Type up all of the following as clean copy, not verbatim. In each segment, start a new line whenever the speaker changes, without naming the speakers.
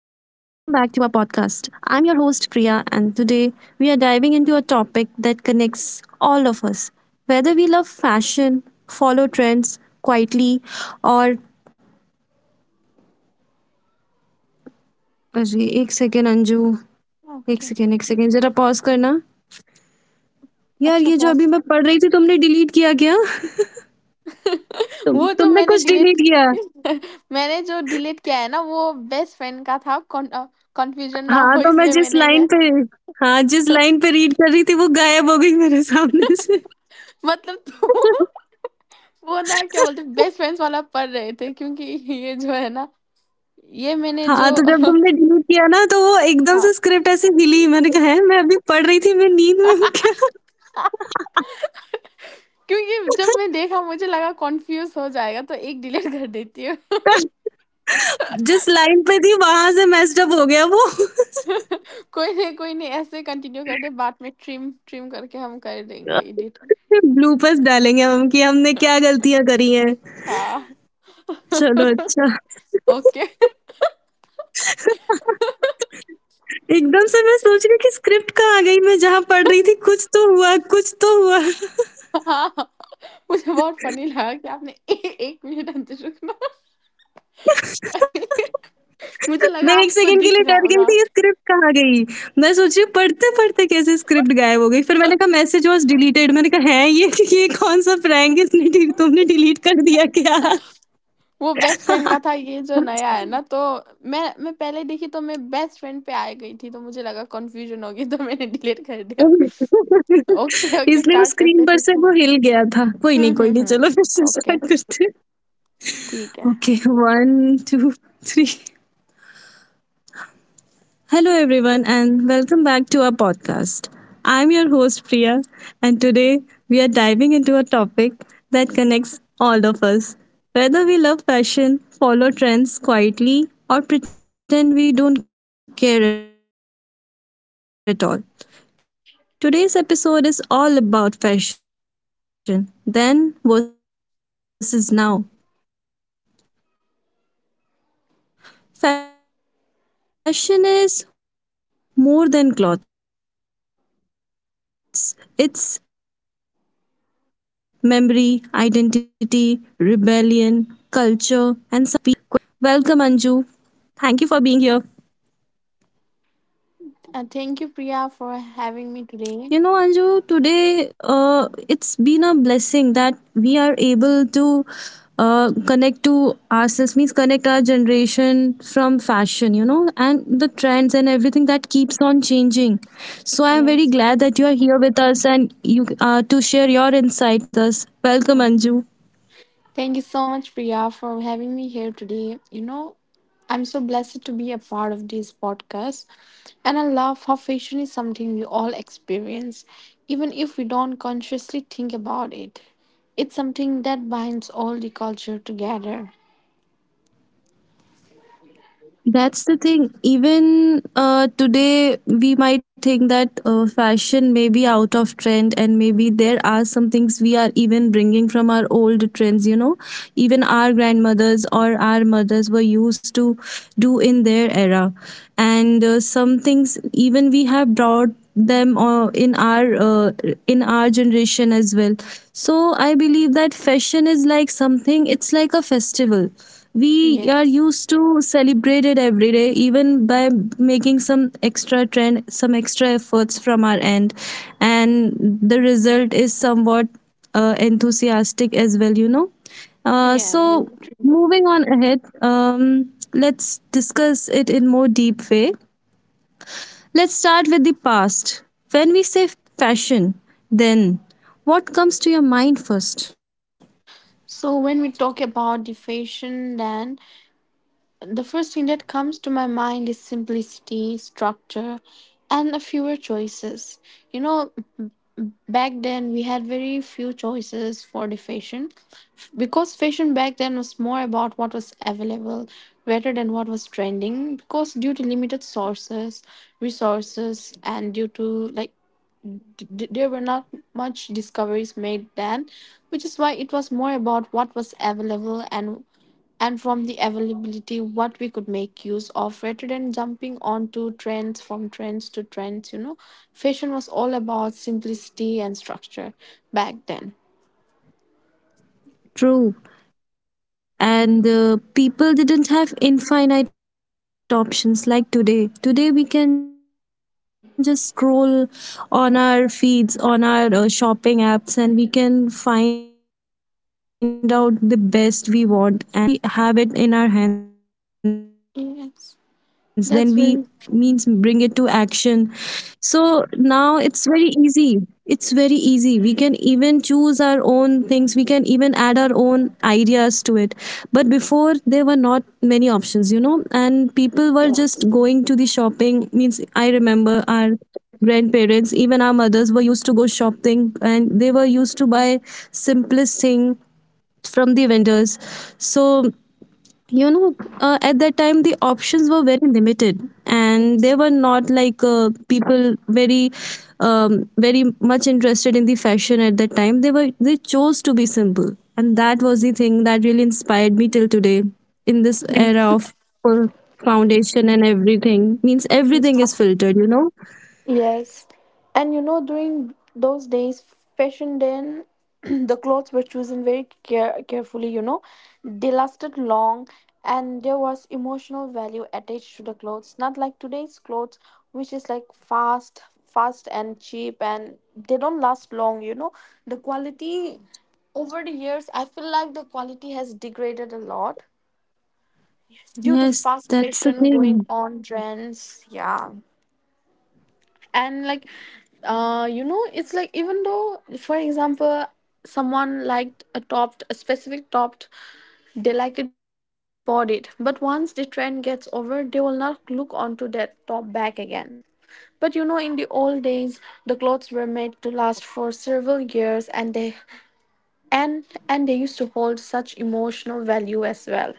Our podcast. I'm your host, Priya, and today we are diving into a topic that connects all of us. Whether we love fashion, follow trends quietly, or. अरे एक second Anju
okay.
एक second जरा pause करना यार,
अच्छा
ये जो
pause.
अभी मैं पढ़ रही थी तुमने डिलीट किया क्या? तुम
वो जो
तुमने
मैंने
कुछ डिलीट
डिलीट।
किया?
मैंने जो डिलीट किया है ना, वो बेस्ट फ्रेंड का था। कन्फ्यूज़न ना
हाँ,
हो
तो मैं
इसलिए
जिस
मैंने
लाइन
ये
पे, हाँ जिस लाइन पे रीड कर रही थी वो गायब हो गई मेरे सामने से.
मतलब तो… वो ना क्या बोलते हैं, बेस्ट फ्रेंड्स वाला पढ़ रहे थे, क्योंकि ये जो है ना, ये मैंने
हाँ,
जो…
तो जब तुमने डिलीट किया ना तो वो एकदम
हाँ,
से स्क्रिप्ट ऐसे हिली, मैंने कहा हैं मैं अभी पढ़ रही थी, मैं नींद में हूँ क्या?
क्योंकि जब मैं देखा, मुझे लगा कन्फ्यूज़ हो जाएगा, तो एक डिलीट कर देती हूँ।
जिस लाइन पे थी वहाँ से मेस्ड अप हो गया वो।
कोई नहीं, कोई नहीं, ऐसे कंटिन्यू करते, बाद में ट्रिम करके हम कर देंगे एडिट।
फिर ब्लूपर्स डालेंगे हम कि हमने क्या गलतियाँ करी हैं।
हाँ,
चलो अच्छा।
ओके।
एकदम से मैं सोच रही हूँ कि स्क्रिप्ट कहाँ गई? मैं जहाँ पढ़ रही थी कुछ तो हुआ, कुछ तो हुआ।
हाँ। मुझे बहुत फनी लगा कि आपने… एक मिनट अंतर रुकना।
मैं एक
मुझे लगा
सेकंड के लिए
आपको
डर गई
दिख
थी,
रहा
ये
होगा।
स्क्रिप्ट कहाँ गई? मैं सोच रही हूँ पढ़ते-पढ़ते कैसे स्क्रिप्ट गायब हो गई? फिर मैंने कहा मैसेज वाज़ डिलीटेड, मैंने कहा हैं ये ये कौन-सा प्रैंक है? इसने डि तुमने डिलीट कर दिया क्या?
वो बेस्ट फ्रेंड का था, ये जो नया है ना, तो मैं पहले देखी, तो मैं बेस्ट फ्रेंड पे आ गई थी, तो मुझे लगा कंफ्यूजन होगी, तो मैंने डिलीट कर दिया। ओके
इसलिए वो
स्टार्ट करते
स्क्रीन
हैं
पर
फिर
से
से।
वो हिल गया था। कोई नहीं,
हम्म
कोई
हम्म
नहीं, चलो फिर
हम्म
से
ओके।
स्टार्ट करते हैं।
ठीक है।
Okay, 1, 2 3. Hello, everyone, and welcome back to our podcast. I'm your host, Priya, and today we are diving into a topic that connects all of us. Whether we love fashion, follow trends quietly, or pretend we don't care at all. Today's episode is all about fashion, then versus now. Fashion is more than clothes. It's memory, identity, rebellion, culture, and sometimes confusion. Sitting with me today is someone who has been seen changes in fashion, adapted to it, questioned it, and still enjoys it in her own way. Welcome, Anju. Thank you for being here.
Thank you Priya
You know,
for
Anju,
having me today.
today it's been a blessing that we are able to connect to ourselves, means connect our generation from fashion, you know, and the trends and
yes.
everything that keeps on changing. So I'm very glad
yes.
that you are here with us and you to share your insight with us. Welcome, Anju.
Thank you so much, Priya, for having me here today. You know, I'm so blessed to be a part of this podcast, and I love how fashion is something we all experience, even if we don't consciously think about it. It's something that binds all the culture together.
That's the thing. Even today, we might think that fashion may be out of trend, and maybe there are some things we are even bringing from our old trends. You know, even our grandmothers or our mothers were used to do in their era, and some things even we have brought them in our generation as well. So I believe that fashion is like something. It's like a festival we are
Yes.
used to celebrate it every day, even by making some extra trend, some extra efforts from our end, and the result is somewhat enthusiastic as well, you know.
Yeah,
So
very true.
moving on ahead, let's discuss it in more deep way. Let's start with the past. When we say fashion, then what comes to your mind first?
So when we talk about the fashion, then the first thing that comes to my mind is simplicity, structure, and a fewer choices. You know, back then we had very few choices for the fashion. Because fashion back then was more about what was available rather than what was trending, because due to limited sources, resources, and due to like there were not much discoveries made then, which is why it was more about what was available, and from the availability what we could make use of, rather than jumping onto trends, from trends to trends, you know. Fashion was all about simplicity and structure back then.
True. And people didn't have infinite options like today. Today, we can just scroll on our feeds, on our shopping apps, and we can find out the best we want. And even pay price for it, then we order it, then we have
Yes,
it in our hands, then
that's
we
very true.
means bring it to action. So now it's very easy. It's very easy, we can even choose our own things, we can even add our own ideas to it. But before there were not many options, you know, and
Yes.
people were just going to the shopping, means I remember our grandparents, even our mothers were used to go shopping, and they were used to buy simplest thing from the vendors. So, and they were not like people very very much interested in the fashion at that time. They chose to be simple, and that was the thing that really inspired me till today in this era
Yes.
of full foundation and everything, means everything is filtered, you know.
Yes. And you know, during those days, fashion then the clothes were chosen very carefully, you know. They lasted long and there was emotional value attached to the clothes. Not like today's clothes, which is like fast, fast and cheap, and they don't last long, you know. The quality over the years, I feel like the quality has degraded a lot due to
Yes,
fast
that's the
fashion going
thing.
on trends. Yeah. And like, you know, it's like, even though, for example, someone liked a topped, a specific topped, they liked it very much, they bought it, but once the trend gets over, they will not look onto that top back again. But you know, in the old days, the clothes were made to last for several years, and they used to hold such emotional value as well.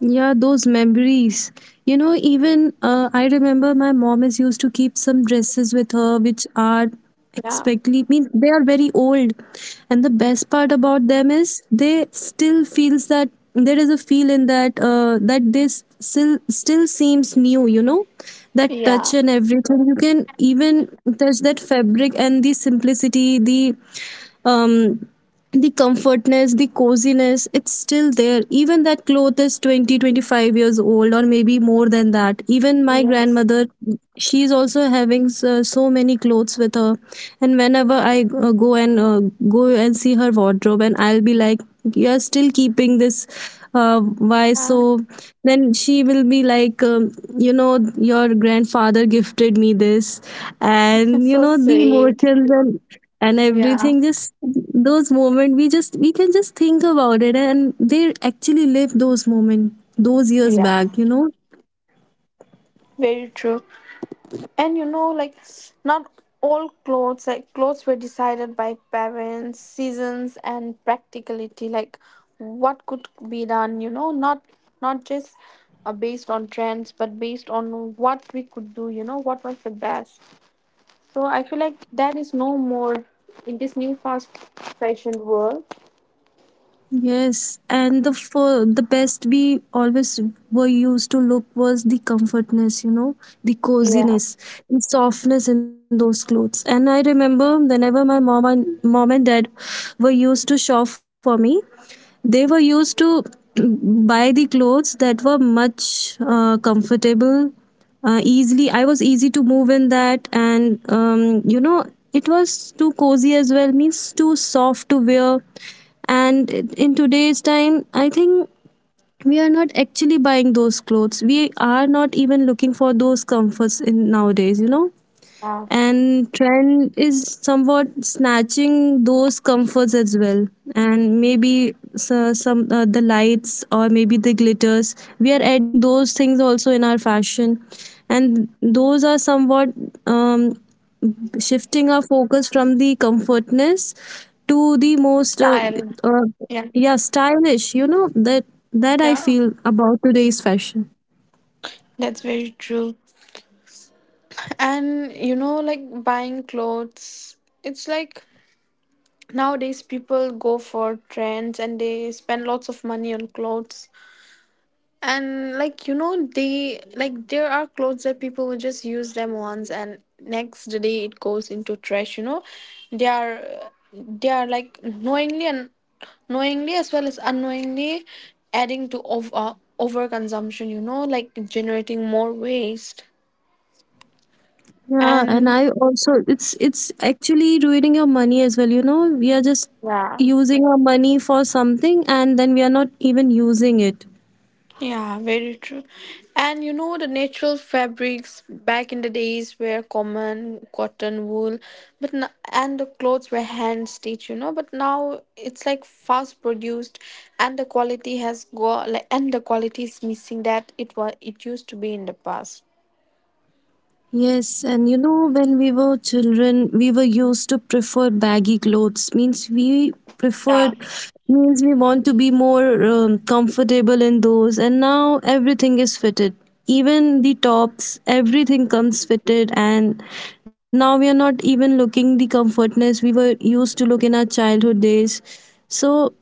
Yeah, those memories. You know, even I remember my mom is used to keep some dresses with her, which are
Yeah.
expectly mean they are very old, and the best part about them is they still feels that there is a feel in that that this still seems new. You know, that
Yeah.
touch and everything. You can even touch that fabric and the simplicity, um the comfortness, the coziness, it's still there, even that cloth is 20, 25 years old or maybe more than that. Even my
Yes.
grandmother, she's also having so, so many clothes with her, and whenever I go and go and see her wardrobe, and I'll be like, you're still keeping this? Why
Ah,
so? Then she will be like, you know, your grandfather gifted me this, and you
so
know the
sweet.
emotions, and
Yeah.
everything just, those moments, we just, we can just think about it, and they actually live those moments those years
Yeah,
back, you know.
very true. And you know, like, not all clothes, like clothes were decided by parents, seasons, and practicality, like what could be done, you know. Not not just based on trends, but based on what we could do, you know, what was the best. So I feel like that is no more in this new fast fashion world.
Yes, and the for the best we always were used to look was the comfortness, you know, the
Yeah.
coziness, the softness in those clothes. And I remember whenever my mom and dad were used to shop for me, they were used to buy the clothes that were much comfortable, easily, I was easy to move in that, and you know, it was too cozy as well, means too soft to wear. And in today's time, I think we are not actually buying those clothes. We are not even looking for those comforts in nowadays, you know.
Yeah.
And trend is somewhat snatching those comforts as well. And maybe some the lights or maybe the glitters, we are adding those things also in our fashion, and those are somewhat um, shifting our focus from the comfortness to the most
Style.
uh,
Yeah.
yeah, stylish, you know. That, that I
Yeah,
feel about today's fashion.
that's very true. And you know, like buying clothes, it's like nowadays people go for trends and they spend lots of money on clothes. And like, you know, they like, there are clothes that people will just use them once and next day it goes into trash, you know. They are, they are like knowingly and knowingly as well as unknowingly adding to over overconsumption, you know, like generating more waste
Yeah, and
and
I also, it's actually ruining your money as well. You know, we are just
yeah.
using our money for something and then we are not even using it.
Yeah, very true. And you know, the natural fabrics back in the days were common cotton, wool, but n and the clothes were hand stitched, you know. But now it's like fast produced, and the quality has go like, and the quality is missing that it was it used to be in the past.
Yes, and you know, when we were children, we were used to prefer baggy clothes. Means we
Yeah.
preferred, means we want to be more comfortable in those. And now everything is fitted. Even the tops, everything comes fitted. And now we are not even looking the comfortness we were used to look in our childhood days. So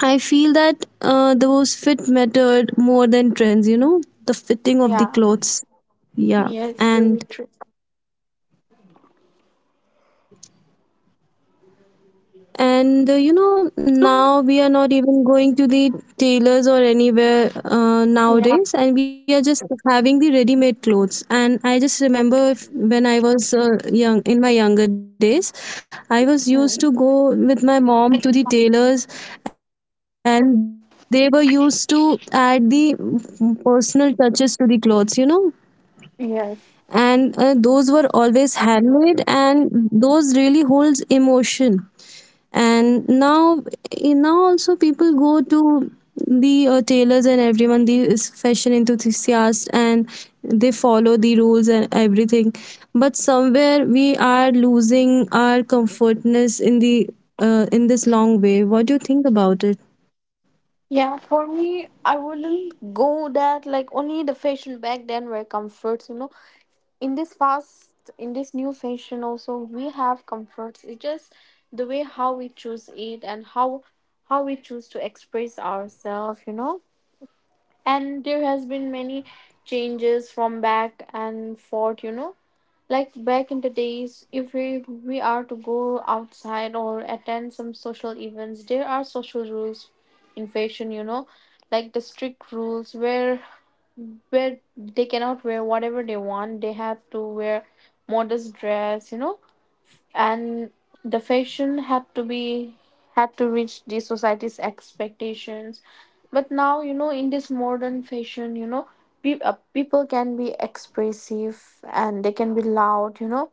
I feel that those fit mattered more than trends, you know, the fitting of the
Yeah.
clothes. Yeah.
Yes, very
And
true.
you know, now we are not even going to the tailors or anywhere
Yeah.
nowadays, and we are just having the ready made clothes. And I just remember if, when I was young, in my younger days, I was used to go with my mom to the tailors, and they were
Yes.
used to add the personal touches to the clothes, you know. And those were always handmade, and those really holds emotion. And now, now also people go to the tailors, and everyone the is fashion enthusiasts, and they follow the rules and everything, but somewhere we are losing
Yeah,
our
for me, I
comfortness in
wouldn't
the
go that
in
like
this
only the
long way.
fashion
What do you
back
think
then were
about it?
comforts, you know. In this fast, in this new fashion, also we have comforts. It's just the way how we choose it and how we choose to express ourselves, you know. And there has been many changes from back and forth, you know. Like back in the days, if we we are to go outside or attend some social events, there are social rules in fashion, you know. Like the strict rules where they cannot wear whatever they want, they have to wear modest dress, you know. And the fashion had to be, had to reach the society's expectations. But now, you know, in this modern fashion, you know, people can be expressive and they can be loud, you know.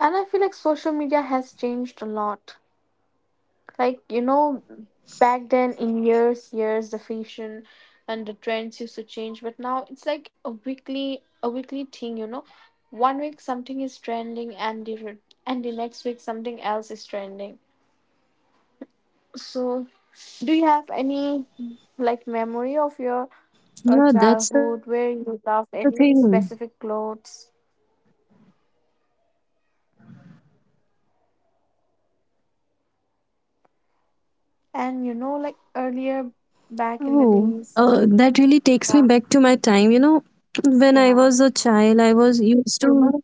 And I feel like social media has changed a lot. Like, you know, back then in years years the fashion and the trends used to change, but now it's like a weekly, a weekly thing, you know. One week something is trending, and the next week something else is trending. So do you have any like memory of your childhood where you loved any
Yeah,
specific
that's the
clothes?
thing.
And you know, like earlier, back in the
Oh,
days.
that really takes me
Yeah.
back to my time. You know, when I
Yeah.
was a child, I was used to.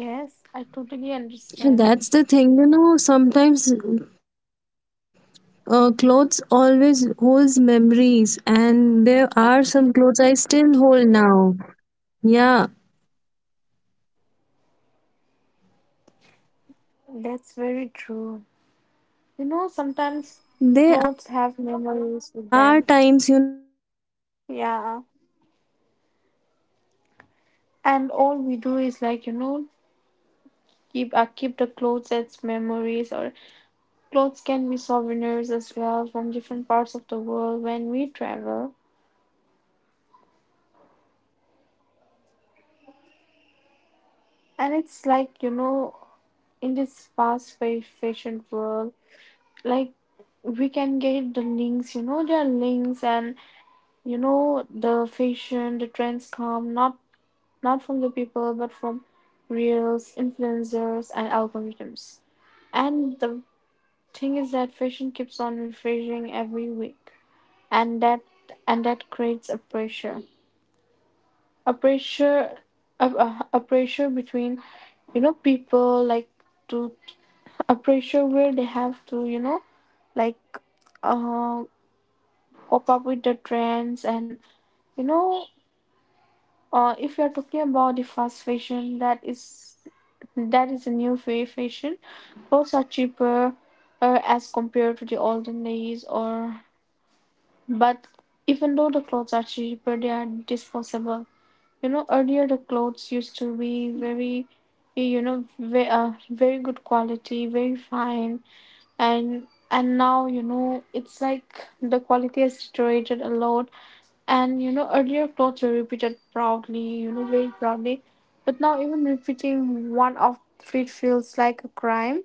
Yes, I totally
That's the
understand.
thing, you know, sometimes clothes always holds memories, and there are some clothes I still hold now, yeah.
That's very true. You know, sometimes clothes have memories
There
with
are
them.
times, you know, sometimes you go
Yeah.
on with the clothes, and
And
at
all
that
we do
time there
is
was
like, you
not,
know,
there were not
keep
many
keep the
trends. I
clothes as
remember,
memories, or clothes
and
can be
our,
souvenirs as well from different parts of the world when we travel.
and you know those were
And
expressive
it's
as
like,
well,
you
and
know,
so
in
everything
this
just
fast
changed
fashion
now.
world,
And I remember
like
when I was
we
a
can
child, I
get the
was used
links,
to
you know,
wear
there are
very
links and,
comfortable clothes, and
you
my mom
know,
and
the
dad were,
fashion, the
you
trends
usually
come
go
not
together for the
not from the
shopping for
people
me,
but from
whether it's my
reels,
birthday or maybe
influencers, and algorithms.
other occasions.
And
They were
the
used to buy
thing is
clothes
that
for me,
fashion keeps
and
on
those
refreshing
clothes were
every week.
actually
And
comfortable,
that
and it
and
was
that
not
creates a
always about the
pressure.
fashion, it
A
was always
pressure,
about the
a,
emotion.
a, a
And
pressure
I was
between,
really
you
overwhelmed
know,
whenever they
people like
presented me a new
to,
dress. You know,
a pressure where
you
they have
always
to, you
play
know,
a fashion show
like,
in front of them,
uh,
trying those
pop up
clothes.
with the trends and,
So for
you
me,
know,
that was the most
If you're talking about the fast
happiest time
fashion,
when whenever they brought
that
clothes
is
for
a new
me in the
fashion.
in my
Clothes are
childhood.
cheaper as compared to the olden days, or but even though the clothes are cheaper, they are disposable. You know, earlier the clothes used to be very, you know, very, very good quality, very fine, and now you know it's like the quality has deteriorated a lot. And you know, earlier clothes were repeated proudly, you know, very proudly. But now, even repeating one outfit feels like a crime.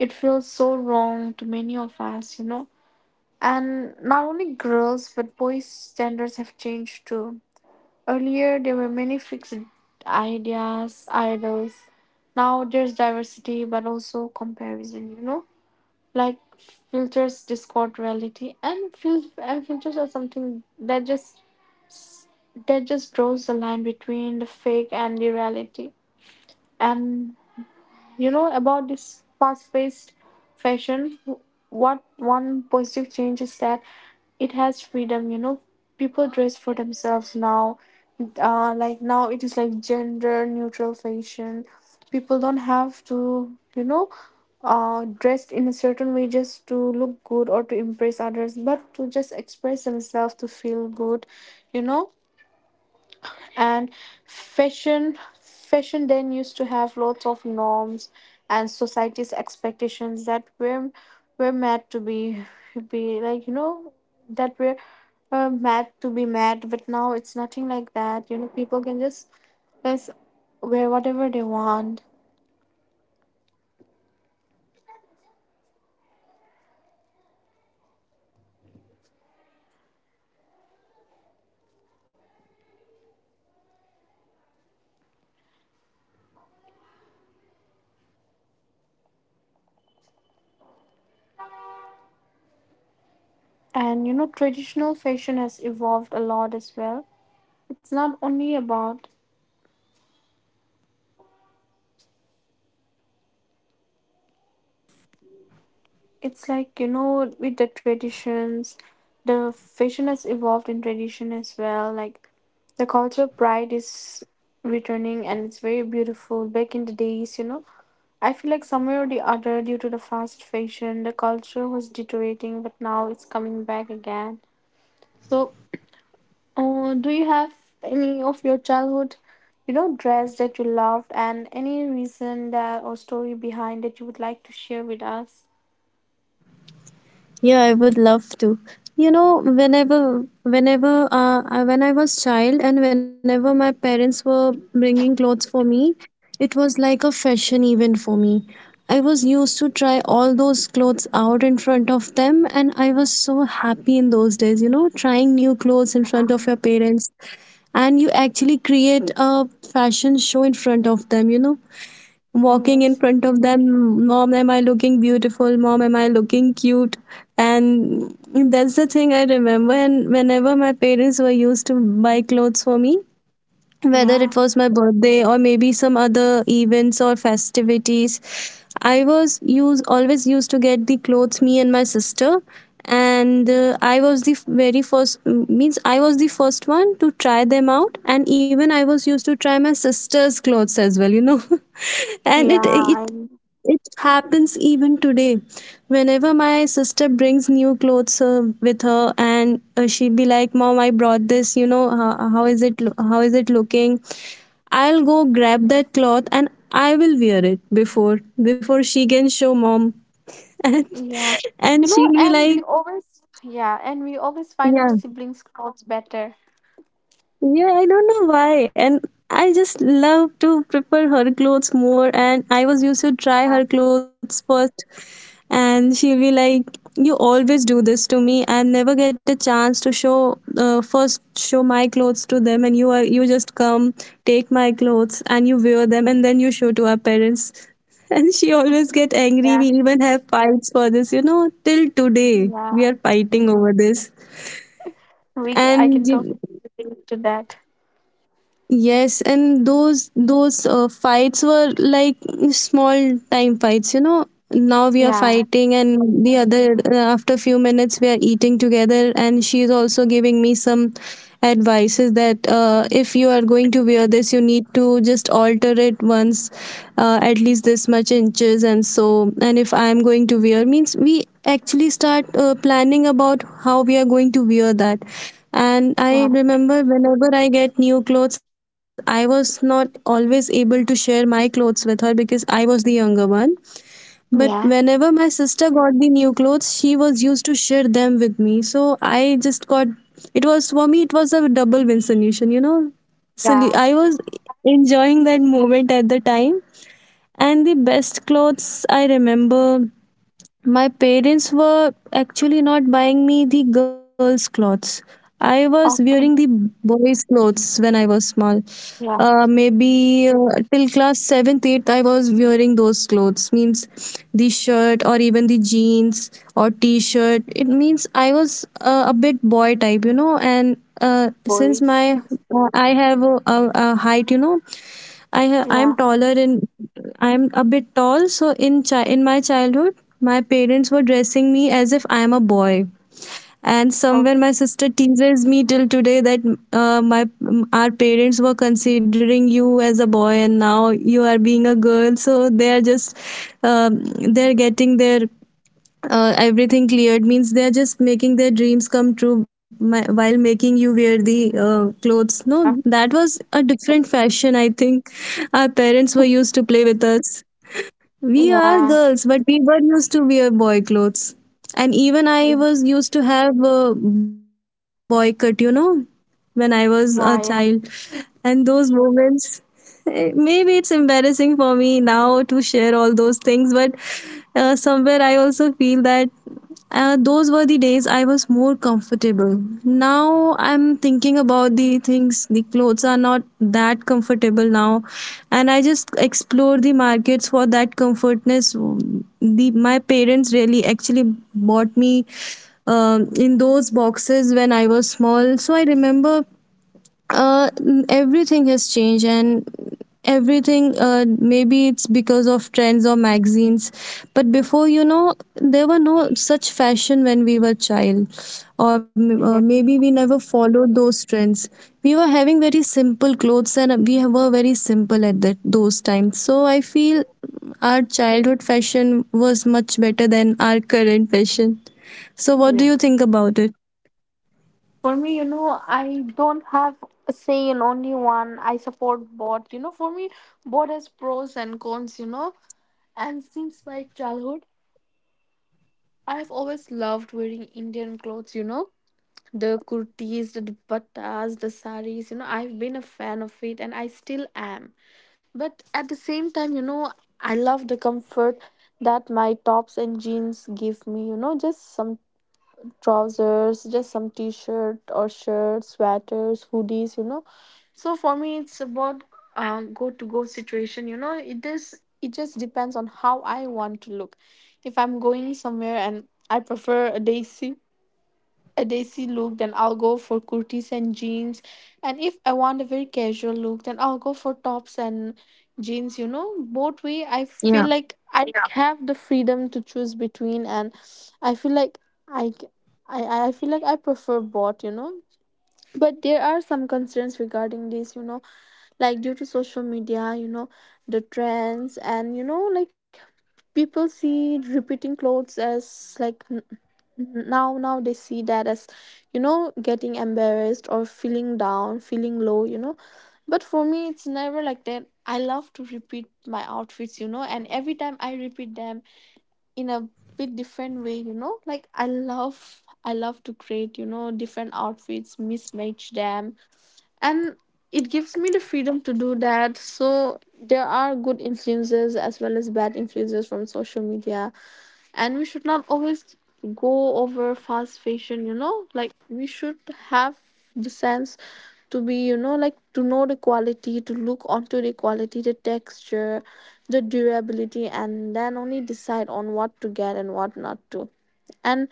It feels so wrong to many of us, you know. And not only girls, but boys' standards have changed too. Earlier, there were many fixed ideas, idols. Now, there's diversity, but also comparison, you know, like filters discord reality, and and filters are something that just draws the line between the fake and the reality. And you know, about this fast-paced fashion, what one positive change is that it has freedom, you know. People dress for themselves now, like now it is like gender neutral fashion. People don't have to, you know, dressed in a certain way just to look good or to impress others, but to just express themselves, to feel good, you know. And fashion then used to have lots of norms and society's expectations that were meant to be like, you know, that were meant to be met, but now it's nothing like that. You know, people can just wear whatever they want. And you know, traditional fashion has evolved a lot as well. It's not only about, it's like, you know, with the traditions, the fashion has evolved in tradition as well, like the cultural pride is returning, and it's very beautiful. Back in the days, you know, I feel like somewhere or the other, due to the fast fashion, the culture was deteriorating, but now it's coming back again. So do you have any of your childhood, you know, dress that you loved, and any reason that, or story behind that you would like to share with us?
Yeah, I would love to. You know, whenever, when I was child, and whenever my parents were bringing clothes for me, it was like a fashion event for me. I was used to try all those clothes out in front of them, and I was so happy in those days. You know, trying new clothes in front of your parents, and you actually create a fashion show in front of them. You know, walking in
Yes.
front of them, "Mom, am I looking beautiful? Mom, am I looking cute?" And that's the thing I remember. And whenever my parents were used to buy clothes for me, whether it
Yeah.
was my birthday or maybe some other events or festivities, I was use always used to get the clothes, me and my sister. And I was the very first, means I was the first one to try them out, and even I was used to try my sister's clothes as well, you know. And
Yeah.
it
And
it happens even today. Whenever my sister brings new clothes with her, and she'd be like, "Mom, I brought this. You know how, is it? How is it looking?" I'll go grab that cloth and I will wear it before she can show mom, and
yeah. You know,
she'll be
and
like,
we always, yeah, and we always find
"Yeah,
our siblings' clothes better.
yeah, I don't know why." And I just love to prepare her clothes more, and I was used to try
Yeah.
her clothes first. And she'll be like, "You always do this to me. I never get a chance to show, first show my clothes to them, and you just come take my clothes and you wear them and then you show to our parents." And she always get angry.
Yeah.
We even have fights for this, you know, till today we
Yeah.
are fighting over this.
I
And
can totally relate to that.
yes, and those fights were like small time fights, you know. Now we are
Yeah.
fighting, and the other, after few minutes we are eating together, and she is also giving me some advices that if you are going to wear this, you need to just alter it once, at least this much inches, and so. And if I am going to wear, means we actually start planning about how we are going to wear that. And I
Yeah.
remember whenever I get new clothes, I was not always able to share my clothes with her because I was the younger one. But
Yeah.
whenever my sister got the new clothes, she was used to share them with me. So just got, it was for me, it was a double win solution, you know. So
Yeah.
I was enjoying that moment at the time. And the best clothes I remember, my parents were actually not buying me the girls' clothes. I was wearing the
Okay.
boys' clothes when I was small.
Yeah.
Maybe till class 7th, 8th, I was wearing those clothes. Means the shirt or even the jeans or t shirt. It means I was a bit boy type, you know. And since
Boys.
my I have a height, you know, I'm
Yeah.
taller in, I'm a bit tall, so in in my childhood, my parents were dressing me as if I am a boy. And somewhere
Okay.
my sister teases me till today that, my our parents were considering you as a boy and now you are being a girl. So they are just um, they're getting their everything cleared, means they're just making their dreams come true, my, while making you wear the clothes. No, that was a different fashion, I think. Our parents were used to play with us. We are
Yeah.
girls, but we were used to wear boy clothes. And even I
Is-
was used to have a boy cut, you know, when I was a child.
Yeah. Yeah.
And those moments, maybe it's embarrassing for me now to share all those things, but somewhere I also feel that those were the days I was more comfortable. Now I'm thinking about the things, the clothes are not that comfortable now, and I just explore the markets for that comfortness. The my parents really actually bought me in those boxes when I was small. So I remember, uh, everything has changed, and everything, maybe it's because of trends or magazines, but before, you know, there were no such fashion when we were child, or
Yeah.
maybe we never followed those trends. We were having very simple clothes, and we were very simple at that those times, so I feel our childhood fashion was much better than our current fashion. So what do
Yeah.
you think about it?
For me, you know, I don't have a say in only one. I support both. You know, for me, both has pros and cons, you know. And since my childhood, I have always loved wearing Indian clothes, you know, the kurtis, the dupattas, the saris, you know, I've been a fan of it and I still am. But at the same time, I love the comfort that my tops and jeans give me, just some trousers, just some t shirt or shirt, sweaters, hoodies. So for me, it's about go situation. It just depends on how I want to look. If I'm going somewhere and I prefer a daisy look, then I'll go for kurtis and jeans. And if I want a very casual look, then I'll go for tops and jeans. Both way I feel like I, yeah, have the freedom to choose between, and I feel like I c- I, I feel like I prefer both. But there are some concerns regarding this, like due to social media, the trends, and like, people see repeating clothes as like. Mhm. Now they see that as getting embarrassed or feeling down, feeling low. But for me it's never like that. I love to repeat my outfits, and every time I repeat them in a bit different way, like, I love to create different outfits, mismatch them. And it gives me the freedom to do that, so there are good influences as well as bad influences from social media, and we should not always go over fast fashion, like, we should have the sense to be, like, to know the quality, to look onto the quality, the texture, the durability, and then only decide on what to get and what not to. And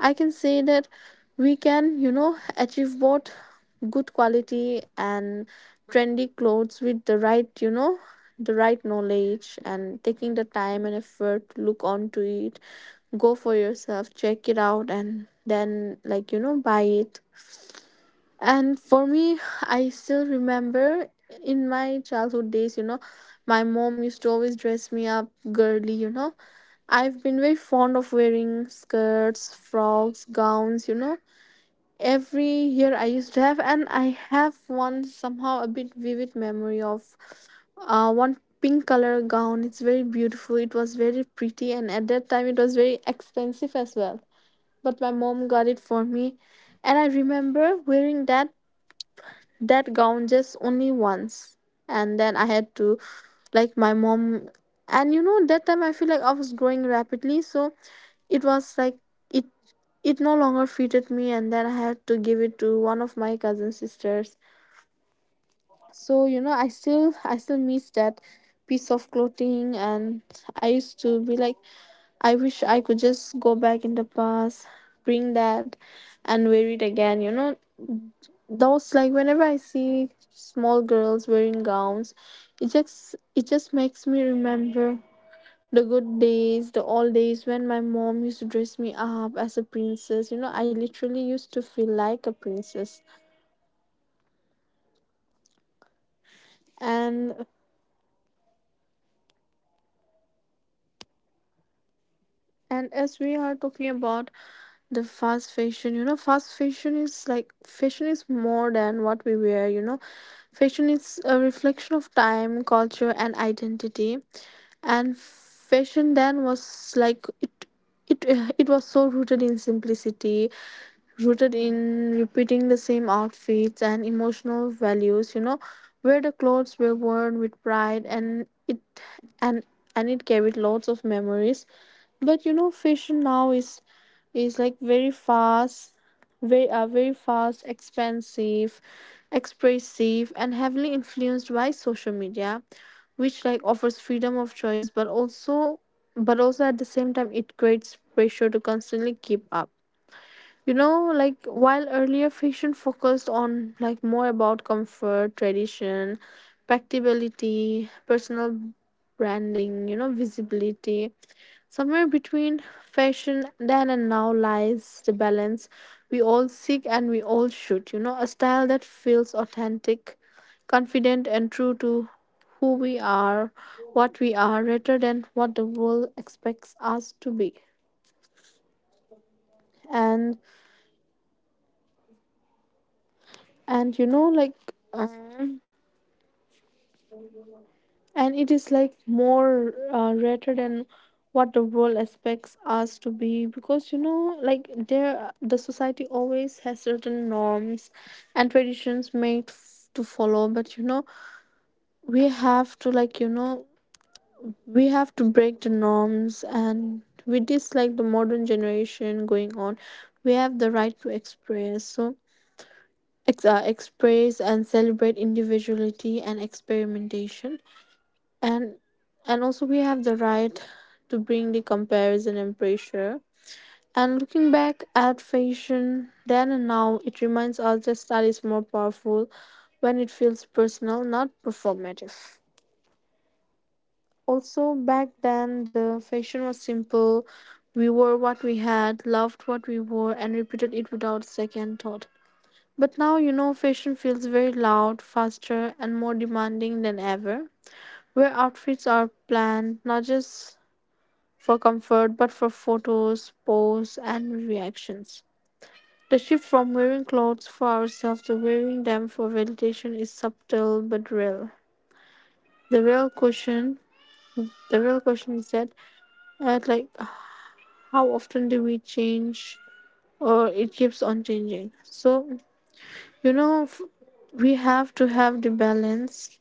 I can say that we can achieve both good quality and trendy clothes with the right knowledge, and taking the time and effort to look onto it. Go for yourself, check it out, and then, like, buy it. And for me, I still remember in my childhood days, my mom used to always dress me up girly. I've been very fond of wearing skirts, frocks, gowns. Every year I used to have, and I have one somehow a bit vivid memory of one pink color gown. It's very beautiful, it was very pretty, and at that time it was very expensive as well. But my mom got it for me, and I remember wearing that gown just only once. And then I had to, like, my mom, and, that time I feel like I was growing rapidly, so it was like it it no longer fitted me. And then I had to give it to one of my cousin sisters.
Yeah,
So,
that's the
i
thing.
still i still
Means
miss
our
that
parents were
piece of
actually
clothing.
thinking
And
about us
I
at that
used to
time. They
be like,
knew
I wish
those
I could
clothes are
just go
maybe
back in
not
the
affordable
past,
at the moment,
bring that,
but maybe
and
this
wear it
cloth at
again
the
you know
moment will make our
Those, like,
child
whenever I
happy.
see
So they
small
actually
girls wearing
buy that
gowns,
for us,
it
you know.
just it just makes
And
me remember
being
the
children, we
good
never
days, the
knew
old
that they
days when my
sacrificed
mom used
many
to
things
dress
for
me
us.
up as a
They bought
princess. You
those
know, I
clothes for
literally
us.
used to feel like
And
a princess.
somewhere today I just realized, today
And
means not today means I, when I'm grown up I realize this every now and then that
and as
buying
we are
clothes is
talking
not
about
easy,
the
and
fast
our
fashion,
parents were
fast
easily
fashion is
buying
like,
them
fashion is
for
more
us
than what
on
we wear,
our,
you know.
on
Fashion
on
is
means
a
on special
reflection of
occasions and
time,
everything,
culture,
you
and
know.
identity.
And
And fashion
those
then was
emotions or
like,
those time really
it
takes
it
me
was
back
so
when
rooted in
I was really
simplicity,
really happy
rooted
about those
in
things.
repeating
And
the same
whenever I
outfits
get a
and
new cloth,
emotional values
and
you know
whenever
where the
I was
clothes
used
were
to wear
worn with
them, means you
pride,
know, it's it's like a
and
different
and
world.
it carried lots
And
of
now
memories.
whenever we go for
But
shopping,
fashion now
we
is
go and buy
is like
clothes,
very
and I feel
fast
like
very very fast,
I'm missing those
expensive,
moments when my mom
expressive,
and
and
dad
heavily
actually went
influenced
for
by social
shopping together,
media,
spent some
which,
time
like, offers
together,
freedom of choice,
and
but
really
also
bought a cloth for
at the
me,
same
and
time
their
it
love and
creates pressure to
dedication, I could
constantly keep
see
up
that from
you
those
know
clothes,
like,
those
while
designs.
earlier fashion
And I
focused
don't know
on, like,
why
more
till
about
today,
comfort,
if I get
tradition,
chance I ask my mom to do
practicability,
shopping for
personal
me, and I be
branding you
like,
know
"Mom, please
visibility.
please buy this for
Somewhere
me."
between
And
fashion
you know,
then and
even
now
today
lies the
she
balance
knows that
we all
what
seek,
will
and
be
we all
more
should, a style
suitable
that
for
feels
me and which
authentic,
will actually
confident,
suit me,
and
you
true
know.
to
Maybe
who we
sometimes I
are,
may like
what
those
we are,
points now
rather than
because
what the world
I'm a
expects
very
us
bad
to be.
shopper, you know. Whenever I go for
and
shopping, and I just end up buying
and
something
like,
silly, and
um,
at the end of the day I regret that I bought this
and
and
it
I'm
is
not
like
going to wear
more
this, and I'm
rated
always
than
getting
what the
scolded by
world
my mom
expects
that,
us to
"Why you're
be,
not going
because,
for the
like, there the society
everything,
always
something
has
very
certain norms
you know,
and
comfortable or
traditions made
cozy what
to
I'm
follow.
used to
But
buy for you? You're not
we
wearing
have to,
anything
like, you
there.
know
You should buy
we have
those
to break
clothes."
the
Even my
norms.
sister buys
And
clothes
with
for me,
this, like, the
and she
modern
also
generation going
knows my
on,
size
we
and
have the
everything.
right to
Even she
express, so
is my second mom, you know. She
express and
knows
celebrate
everything about
individuality
me.
and
My
experimentation. And and also we have the right to bring the comparison and pressure. And looking back at fashion then and now, it reminds us that style is more powerful when it feels personal, not performative. Also back then the fashion was simple, we wore what we had, loved what we wore, and repeated it without second thought. But now, fashion feels very loud, faster, and more demanding than ever, where outfits are planned not just for comfort but for photos, posts, and reactions. The shift from wearing clothes for ourselves to wearing them for validation is subtle but real. The real question, the real question is that, like, how often do we change, or it keeps on changing? So, you know, f- we have to have the balance,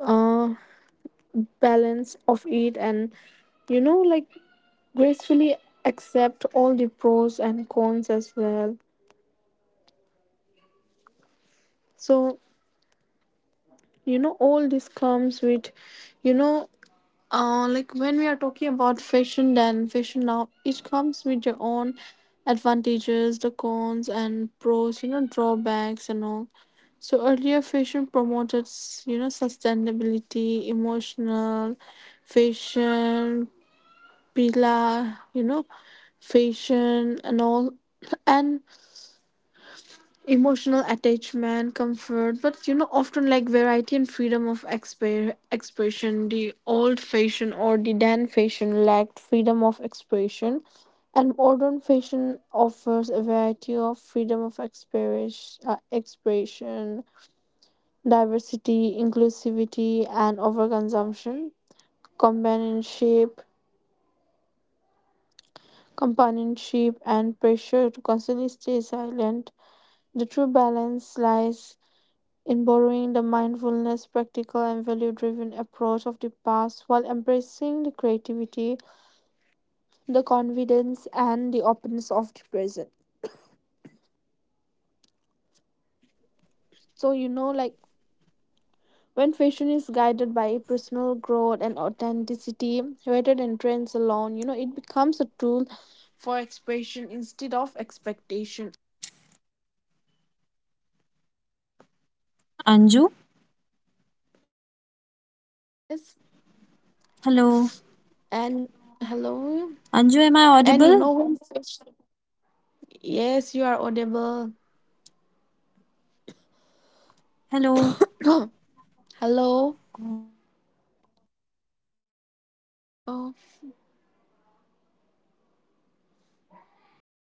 uh, balance of it, and, like, gracefully accept all the pros and cons as well. So, all this comes with, you know like, when we are talking about fashion then, fashion now, it comes with your own advantages, the cons and pros, drawbacks and all. So earlier fashion promoted, sustainability, emotional fashion, pila, fashion and all, and emotional attachment, comfort, but, often, like, variety and freedom of expression. The old fashion, or the dan fashion, lacked freedom of expression. And modern fashion offers a variety of freedom of expression, diversity, inclusivity, and overconsumption, companionship companionship and pressure to constantly stay silent. The true balance lies in borrowing the mindfulness, practical, and value driven approach of the past while embracing the creativity, the confidence, and the openness of the present. So, like, when fashion is guided by personal growth and authenticity rather than trends alone, it becomes a tool for expression instead of expectation.
Anju?
Yes,
Hello.
and hello,
Anju, am I
and,
audible?
when fashion, yes, you are audible.
Hello. God.
Hello. Oh.
I think you need to trim this one too.